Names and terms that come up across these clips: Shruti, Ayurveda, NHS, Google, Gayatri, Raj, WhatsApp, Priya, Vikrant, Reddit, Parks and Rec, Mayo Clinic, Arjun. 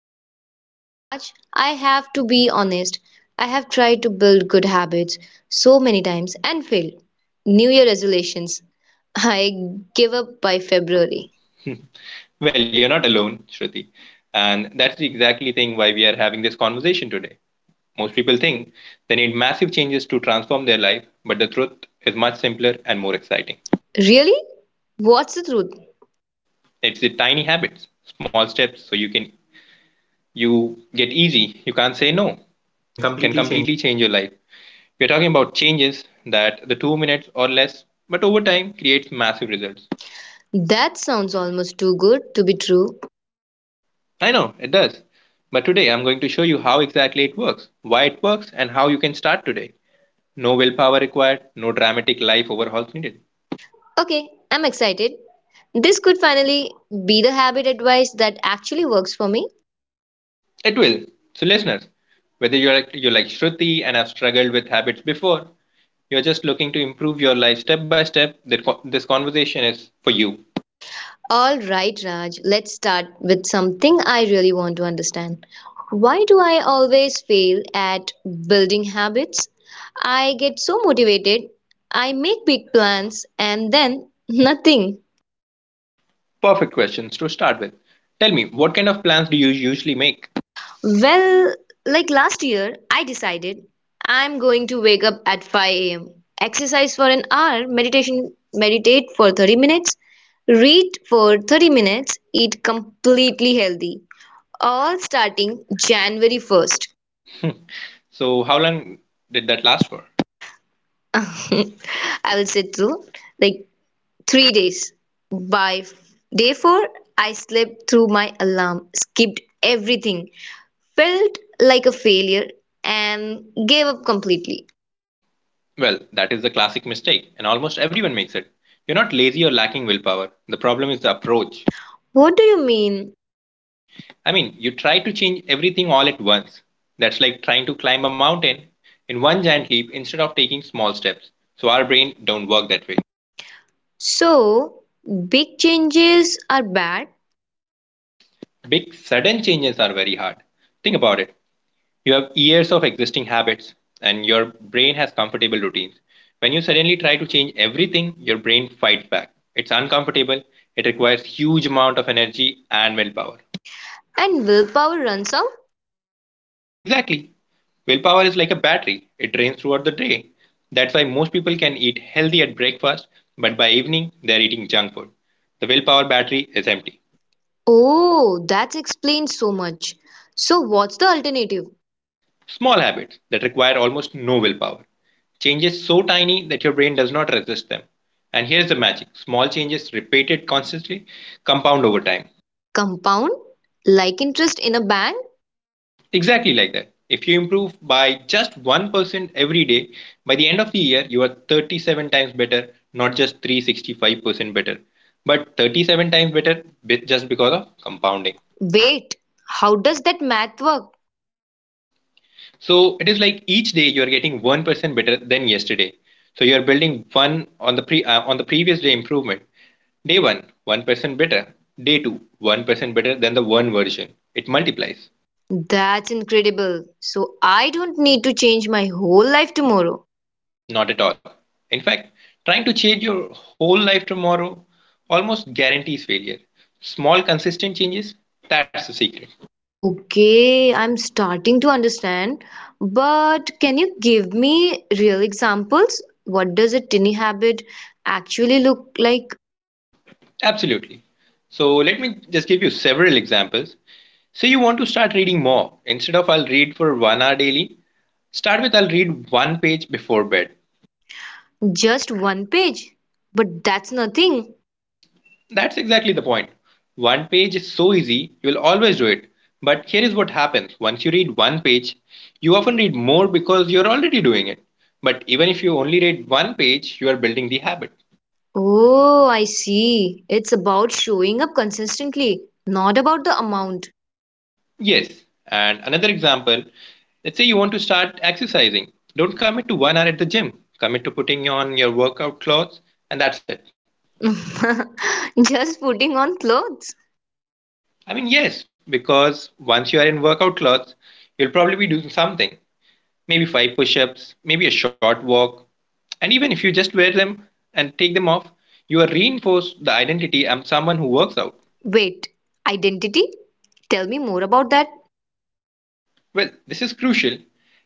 of you. Raj, I have to be honest. I have tried to build good habits so many times and failed. New Year resolutions. I give up by February. Well, you're not alone, Shruti. And that's the exactly thing why we are having this conversation today. Most people think they need massive changes to transform their life, but the truth is much simpler and more exciting. Really? What's the truth? It's the tiny habits, small steps so you get easy, you can't say no. Can Can completely change. completely change your life. We're talking about changes that the 2 minutes or less, but over time creates massive results. That sounds almost too good to be true. I know it does. But today I'm going to show you how exactly it works, why it works, and how you can start today. No willpower required, no dramatic life overhauls needed. Okay, I'm excited. This could finally be the habit advice that actually works for me. It will. So listeners, whether you're like Shruti and have struggled with habits before, you're just looking to improve your life step by step, that this conversation is for you. All right, Raj, let's start with something I really want to understand. Why do I always fail at building habits? I get so motivated, I make big plans, and then nothing. Perfect questions to start with. Tell me, what kind of plans do you usually make? Well, like last year, I decided I'm going to wake up at 5 a.m., exercise for an hour, meditate for 30 minutes, read for 30 minutes, eat completely healthy, all starting January 1st. So, how long did that last for? I will say like 3 days. By day four, I slept through my alarm, skipped everything, felt like a failure, and gave up completely. Well, that is the classic mistake, and almost everyone makes it. You're not lazy or lacking willpower. The problem is the approach. What do you mean? I mean, you try to change everything all at once. That's like trying to climb a mountain in one giant leap instead of taking small steps. So, our brain don't work that way. So, big changes are bad Big sudden changes are very hard. Think about it. You have years of existing habits and your brain has comfortable routines. When you suddenly try to change everything, your brain fights back. It's uncomfortable. It requires huge amount of energy and willpower. and willpower runs out? Exactly. Willpower is like a battery. It drains throughout the day. That's why most people can eat healthy at breakfast, but by evening they're eating junk food. The willpower battery is empty. Oh, that explains so much. So, what's the alternative? Small habits that require almost no willpower. Changes so tiny that your brain does not resist them. And here's the magic small changes repeated constantly compound over time. Compound? Like interest in a bank? Exactly like that. If you improve by just 1% every day, by the end of the year, you are 37 times better, not just 365% better, but 37 times better just because of compounding. Wait, how does that math work? So it is like each day you are getting 1% better than yesterday. So you are building one on the pre on the previous day improvement. Day 1, 1% better. Day 2, 1% better than the one version. It multiplies. That's incredible. So I don't need to change my whole life tomorrow. Not at all. In fact, trying to change your whole life tomorrow almost guarantees failure. Small consistent changes, that's the secret. Okay, I'm starting to understand. But can you give me real examples? What does a tiny habit actually look like? Absolutely. So let me just give you several examples. Say you want to start reading more. Instead of I'll read for 1 hour daily, start with I'll read one page before bed. Just one page. But that's nothing. That's exactly the point. One page is so easy, you will always do it. But here is what happens once you read one page, you often read more because you're already doing it. But even if you only read one page, you are building the habit. Oh, I see. It's about showing up consistently, not about the amount. Yes. And another example, let's say you want to start exercising. Don't commit to 1 hour at the gym. Commit to putting on your workout clothes and that's it. Just putting on clothes. I mean, yes, because once you are in workout clothes, you'll probably be doing something. Maybe five push ups, maybe a short walk. And even if you just wear them and take them off, you are reinforced the identity I'm someone who works out. Wait, identity? Tell me more about that. Well, this is crucial.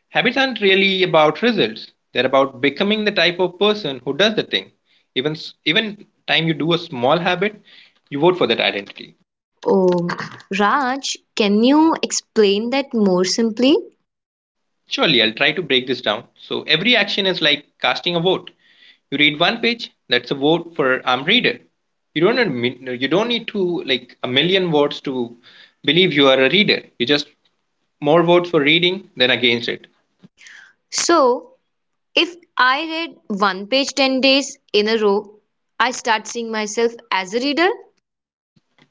Habits aren't really about results. They're about becoming the type of person who does the thing. Even time you do a small habit, you vote for that identity. Um, Raj, can you explain that more simply? Surely, I'll try to break this down. So every action is like casting a vote. You read one page, that's a vote for armed reader. You don't need to like a million votes to believe you are a reader. You just more votes for reading than against it. So, if I read one page 10 days in a row, I start seeing myself as a reader.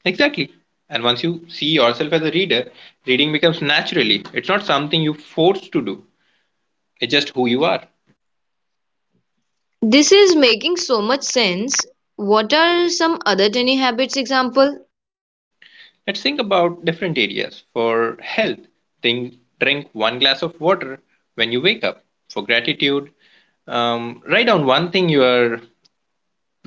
Exactly. And once you see yourself as a reader, reading becomes naturally. It's not something you force to do, it's just who you are. This is making so much sense. What are some other tiny habits example? Let's think about different areas. For health, think, drink one glass of water when you wake up. For gratitude, write down one thing you are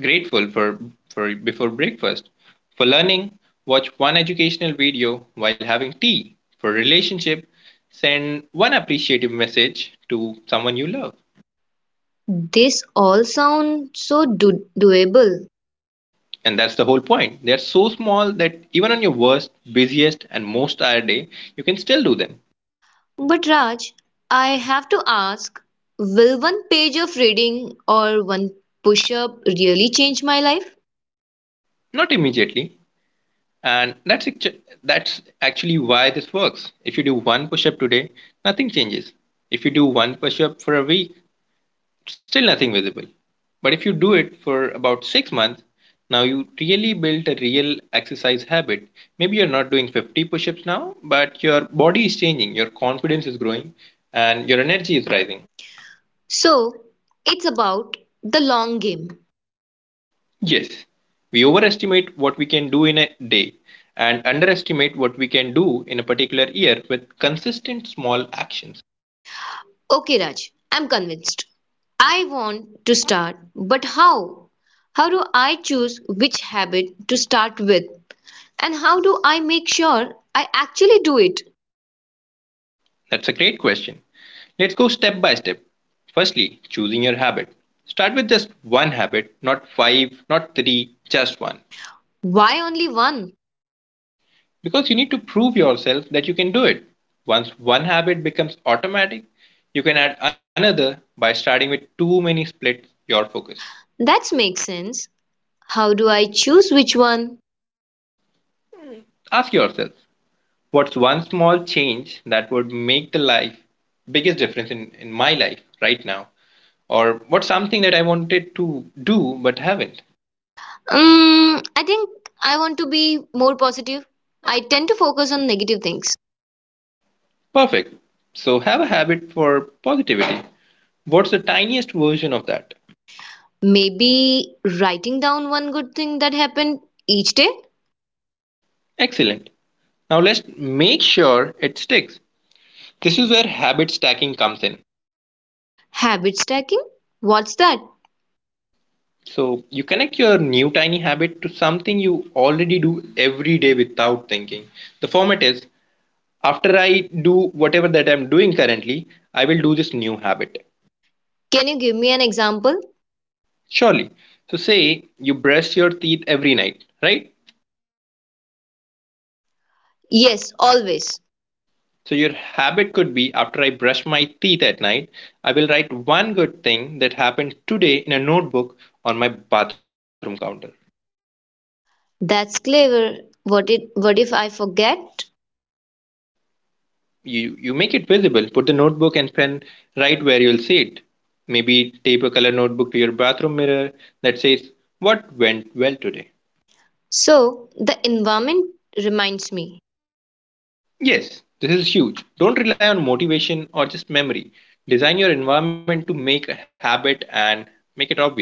grateful for before breakfast. For learning, watch one educational video while having tea. For relationship, send one appreciative message to someone you love. This all sound so doable. And that's the whole point. They're so small that even on your worst, busiest, and most tired day, you can still do them. But Raj, I have to ask, will one page of reading or one push up really change my life? Not immediately. And that's actually why this works. If you do one push-up today, nothing changes. If you do one push-up for a week, still nothing visible. But if you do it for about 6 months, now you really built a real exercise habit. Maybe you're not doing 50 push-ups now, but your body is changing, your confidence is growing, and your energy is rising. So it's about the long game. Yes, we overestimate what we can do in a day and underestimate what we can do in a particular year with consistent small actions. Okay, Raj, I'm convinced. I want to start, but how? How do I choose which habit to start with? And how do I make sure I actually do it? That's a great question. Let's go step by step. Firstly, choosing your habit. Start with just one habit, not five, not three, just one. Why only one? Because you need to prove yourself that you can do it. Once one habit becomes automatic, you can add another by starting with too many splits your focus. That makes sense. How do I choose which one? Ask yourself, what's one small change that would make the life biggest difference in my life right now? Or what's something that I wanted to do but haven't? I think I want to be more positive. I tend to focus on negative things. Perfect. So have a habit for positivity. What's the tiniest version of that? Maybe writing down one good thing that happened each day. Excellent. Now let's make sure it sticks. This is where habit stacking comes in. Habit stacking? What's that? So you connect your new tiny habit to something you already do every day without thinking. The format is, after I do whatever that I'm doing currently, I will do this new habit. Can you give me an example? Surely. So, say you brush your teeth every night, right? Yes, always. So, your habit could be, after I brush my teeth at night, I will write one good thing that happened today in a notebook on my bathroom counter. That's clever. What if I forget? You make it visible, put the notebook and pen right where you'll see it. Maybe tape a color notebook to your bathroom mirror that says, what went well today? So, the environment reminds me. Yes, this is huge. Don't rely on motivation or just memory. Design your environment to make a habit and make it obvious.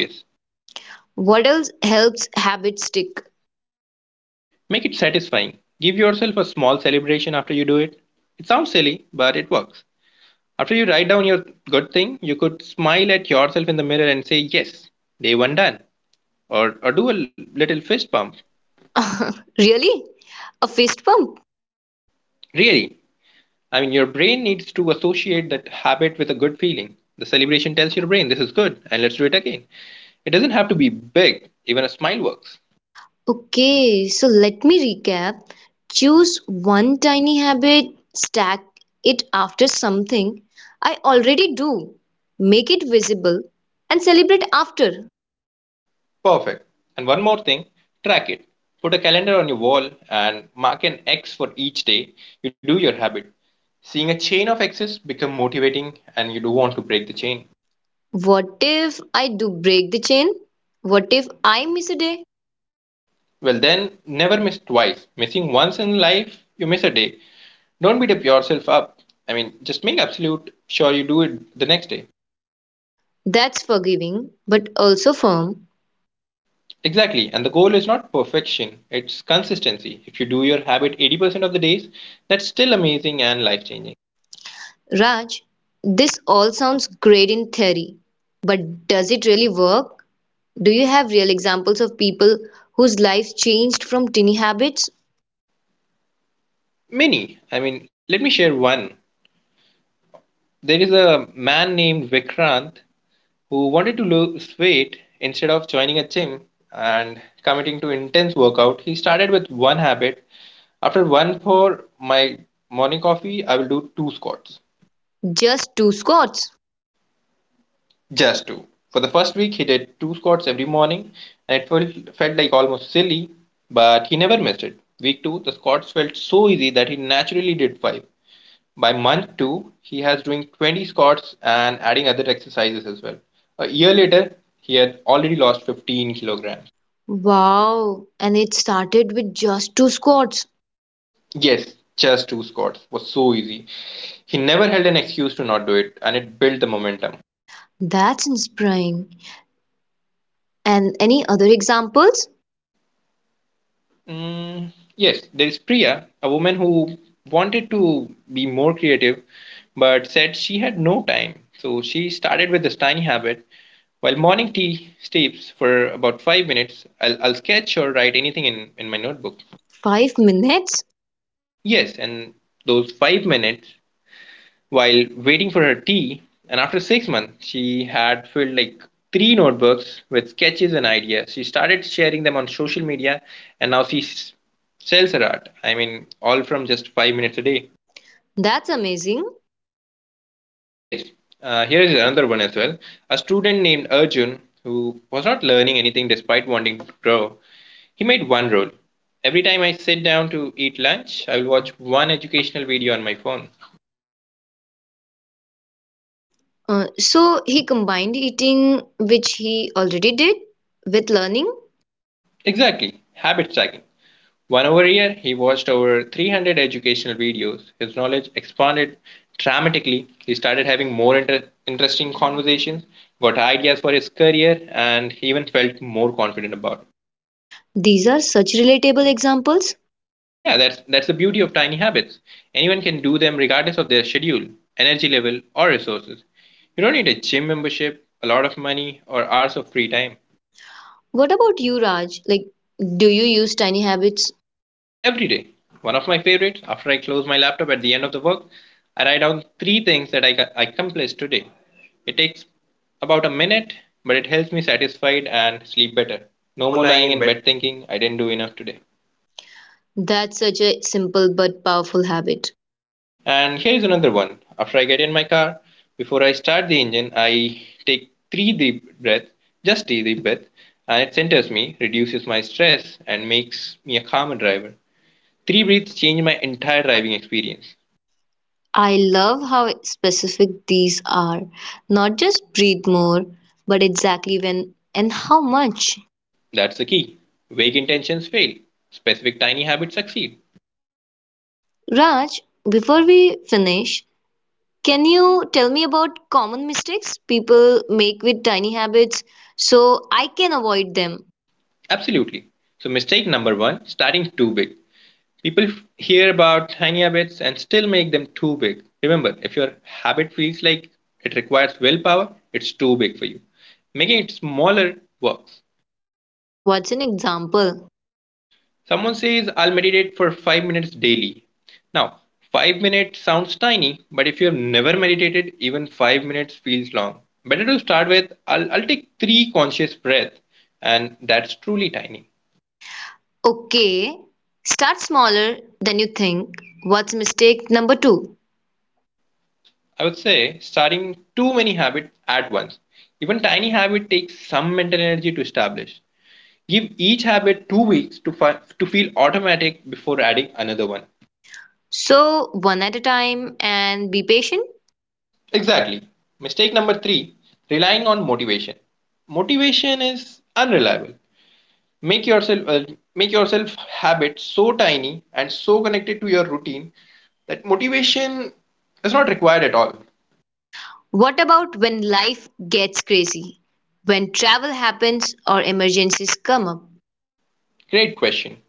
What else helps habits stick? Make it satisfying. Give yourself a small celebration after you do it. It sounds silly, but it works. After you write down your good thing, you could smile at yourself in the mirror and say, yes, day one done. Or do a little fist bump. Really? A fist pump? Really, I mean, your brain needs to associate that habit with a good feeling. The celebration tells your brain, this is good, and let's do it again. It doesn't have to be big, even a smile works. Okay, so let me recap. Choose one tiny habit, stack it after something I already do, make it visible, and celebrate after. Perfect. And one more thing, track it. Put a calendar on your wall and mark an X for each day you do your habit. Seeing a chain of X's become motivating and you do want to break the chain. What if I do break the chain? What if I miss a day? Well, then never miss twice. Missing once in life, you miss a day. Don't beat up yourself up. I mean, just make absolute sure you do it the next day. That's forgiving, but also firm. Exactly, and the goal is not perfection, it's consistency. If you do your habit 80% of the days, that's still amazing and life changing. Raj, this all sounds great in theory, but does it really work? Do you have real examples of people whose lives changed from tiny habits? Many, I mean, let me share one. There is a man named Vikrant who wanted to lose weight instead of joining a gym and committing to intense workout. He started with one habit. After one pour my morning coffee, I will do two squats. Just two squats. Just two. For the first week, he did two squats every morning, and it felt like almost silly, but he never missed it. Week two, the squats felt so easy that he naturally did five. By month two, he has doing 20 squats and adding other exercises as well. A year later, he had already lost 15 kilograms. Wow, and it started with just two squats. Yes, just two squats was so easy. He never held an excuse to not do it, and it built the momentum. That's inspiring. And any other examples? Mm, yes, there is Priya, a woman who wanted to be more creative but said she had no time. So she started with this tiny habit. While morning tea steeps for about 5 minutes, I'll sketch or write anything in my notebook. 5 minutes? Yes, and those 5 minutes while waiting for her tea, and after 6 months, she had filled like three notebooks with sketches and ideas. She started sharing them on social media, and now she sells her art. I mean, all from just 5 minutes a day. That's amazing. Yes, here is another one as well. A student named Arjun, who was not learning anything despite wanting to grow, he made one rule. Every time I sit down to eat lunch, I will watch one educational video on my phone. So he combined eating, which he already did, with learning. Exactly, habit stacking. One over a year, he watched over 300 educational videos. His knowledge expanded dramatically. He started having more interesting conversations, got ideas for his career, and he even felt more confident about it. These are such relatable examples. Yeah, that's the beauty of tiny habits. Anyone can do them regardless of their schedule, energy level, or resources. You don't need a gym membership, a lot of money, or hours of free time. What about you, Raj? Like, do you use tiny habits? Every day, one of my favorites, after I close my laptop at the end of the work, I write down three things that I accomplished today. It takes about a minute, but it helps me satisfied and sleep better. No No more more lying lying in in bed. bed thinking I didn't do enough today. That's such a simple but powerful habit. And here is another one. After I get in my car, before I start the engine, I take three deep breaths, just three deep breaths, and it centers me, reduces my stress, and makes me a calmer driver. Three breaths change my entire driving experience. I love how specific these are. Not just breathe more, but exactly when and how much. That's the key. Vague intentions fail, specific tiny habits succeed. Raj, before we finish, can you tell me about common mistakes people make with tiny habits so I can avoid them? Absolutely. So, mistake number one starting too big. People hear about tiny habits and still make them too big. Remember, if your habit feels like it requires willpower, it's too big for you. Making it smaller works. What's an example? Someone says, I'll meditate for 5 minutes daily. Now, 5 minutes sounds tiny, but if you have never meditated, even 5 minutes feels long. Better to start with, I'll take three conscious breaths, and that's truly tiny. Okay, start smaller than you think. What's mistake number two? I would say starting too many habits at once. Even tiny habit takes some mental energy to establish. Give each habit 2 weeks to, to feel automatic before adding another one. So, one at a time and be patient. Exactly. Mistake number three relying on motivation. Motivation is unreliable. Make yourself uh, Make yourself habits so tiny and so connected to your routine that motivation is not required at all. What about when life gets crazy? When travel happens or emergencies come up? Great question.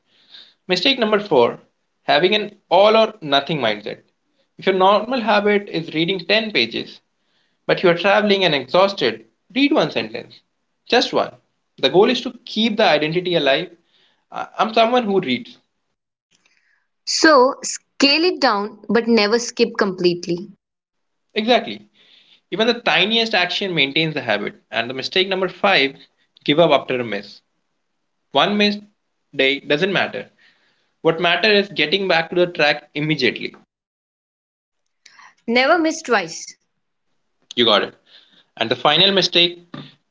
Mistake number four having an all or nothing mindset. If your normal habit is reading 10 pages, but you are traveling and exhausted, read one sentence. Just one. The goal is to keep the identity alive. I'm someone who reads. So, scale it down but never skip completely. Exactly. Even the tiniest action maintains the habit. And the mistake number five give up after a miss. One missed day doesn't matter. What matters is getting back to the track immediately. Never miss twice. You got it. And the final mistake,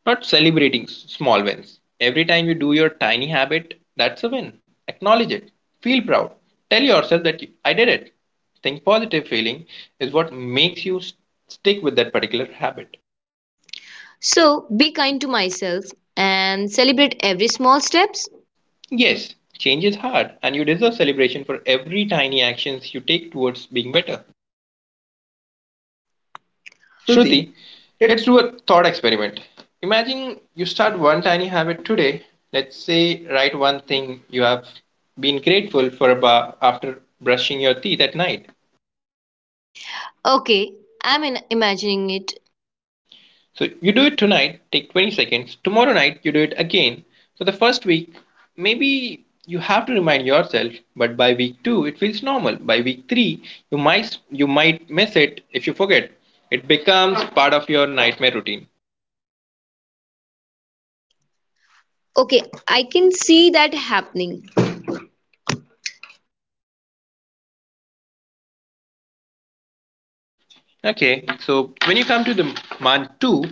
not celebrating small wins. Every time you do your tiny habit, that's a win. Acknowledge it. Feel proud. Tell yourself that you, I did it. Think positive feeling is what makes you stick with that particular habit. So be kind to myself and celebrate every small steps. Yes, change is hard and you deserve celebration for every tiny actions you take towards being better. Shruti. Shruti, let's do a thought experiment. Imagine you start one tiny habit today. Let's say write one thing you have been grateful for about after brushing your teeth at night. Okay, I'm imagining it. So you do it tonight, take 20 seconds. Tomorrow night you do it again. So the first week, maybe you have to remind yourself, but by week 2 it feels normal. By week 3, you might miss it if you forget. It becomes part of your nightmare routine. Okay, I can see that happening Okay, so when you come to the month two,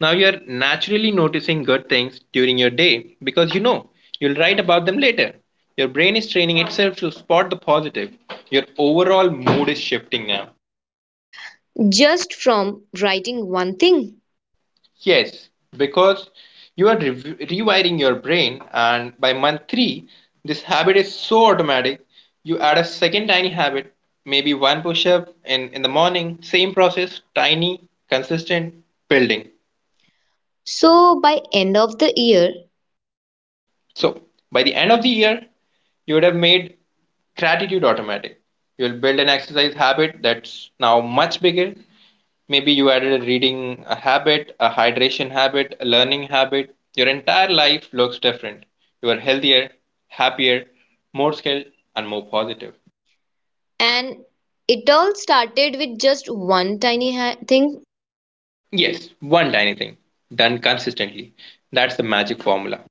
now you're naturally noticing good things during your day because you know you'll write about them later. Your brain is training itself to spot the positive. Your overall mood is shifting now. just from writing one thing. Yes, because you are rewiring your brain, and by month three, this habit is so automatic. You add a second tiny habit, maybe one push up in the morning, same process, tiny, consistent, building. So by end of the year, So by the end of the year, you would have made gratitude automatic. You'll build an exercise habit that's now much bigger. Maybe you added a reading a habit, a hydration habit, a learning habit. Your entire life looks different. You are healthier, happier, more skilled, and more positive. and it all started with just one tiny thing. Yes, one tiny thing done consistently. That's the magic formula.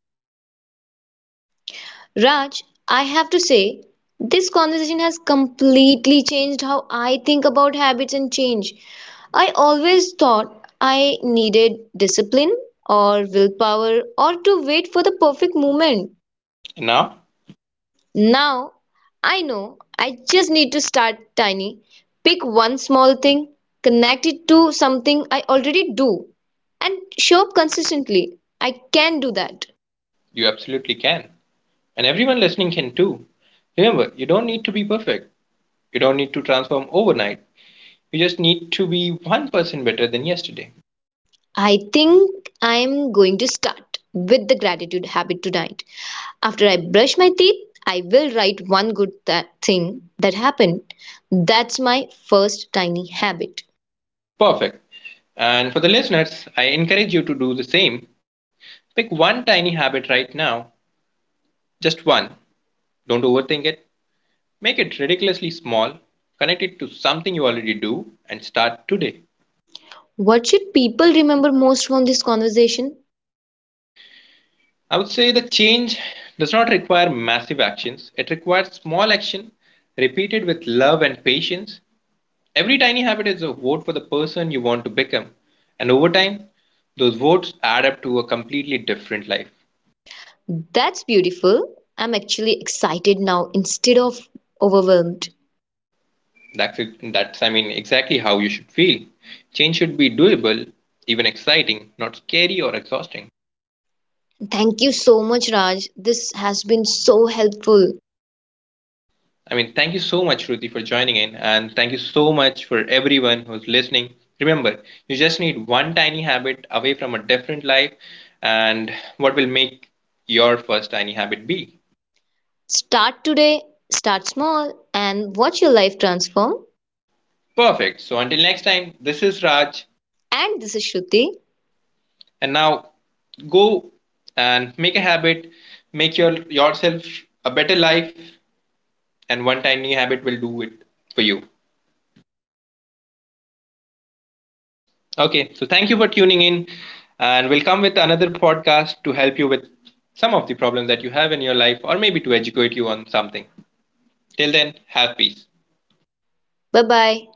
Raj, I have to say, this conversation has completely changed how I think about habits and change. I always thought I needed discipline or willpower or to wait for the perfect moment. And now Now I know I just need to start tiny, pick one small thing, connect it to something I already do, and show up consistently. I can do that. you absolutely can. And everyone listening can too. Remember, you don't need to be perfect. You don't need to transform overnight. You just need to be 1% better than yesterday. I think I'm going to start with the gratitude habit tonight. After I brush my teeth, I will write one good thing that happened. That's my first tiny habit. Perfect. And for the listeners, I encourage you to do the same. Pick one tiny habit right now, just one. Don't overthink it. Make it ridiculously small, connect it to something you already do, and start today. What should people remember most from this conversation? I would say the change does not require massive actions, it requires small action repeated with love and patience. Every tiny habit is a vote for the person you want to become. And over time, those votes add up to a completely different life. That's beautiful. I'm actually excited now instead of overwhelmed. That's exactly how you should feel. Change should be doable, even exciting, not scary or exhausting. Thank you so much, Raj. This has been so helpful. Thank you so much, Ruthie, for joining in. And thank you so much for everyone who's listening. Remember, you just need one tiny habit away from a different life. And what will make your first tiny habit be? Start today, start small, and watch your life transform. Perfect. So until next time, this is Raj. And this is Shruti. And now go and make a habit, make yourself a better life, and one tiny habit will do it for you. Okay, so thank you for tuning in, and we'll come with another podcast to help you with some of the problems that you have in your life, or maybe to educate you on something. Till then, have peace. 拜拜。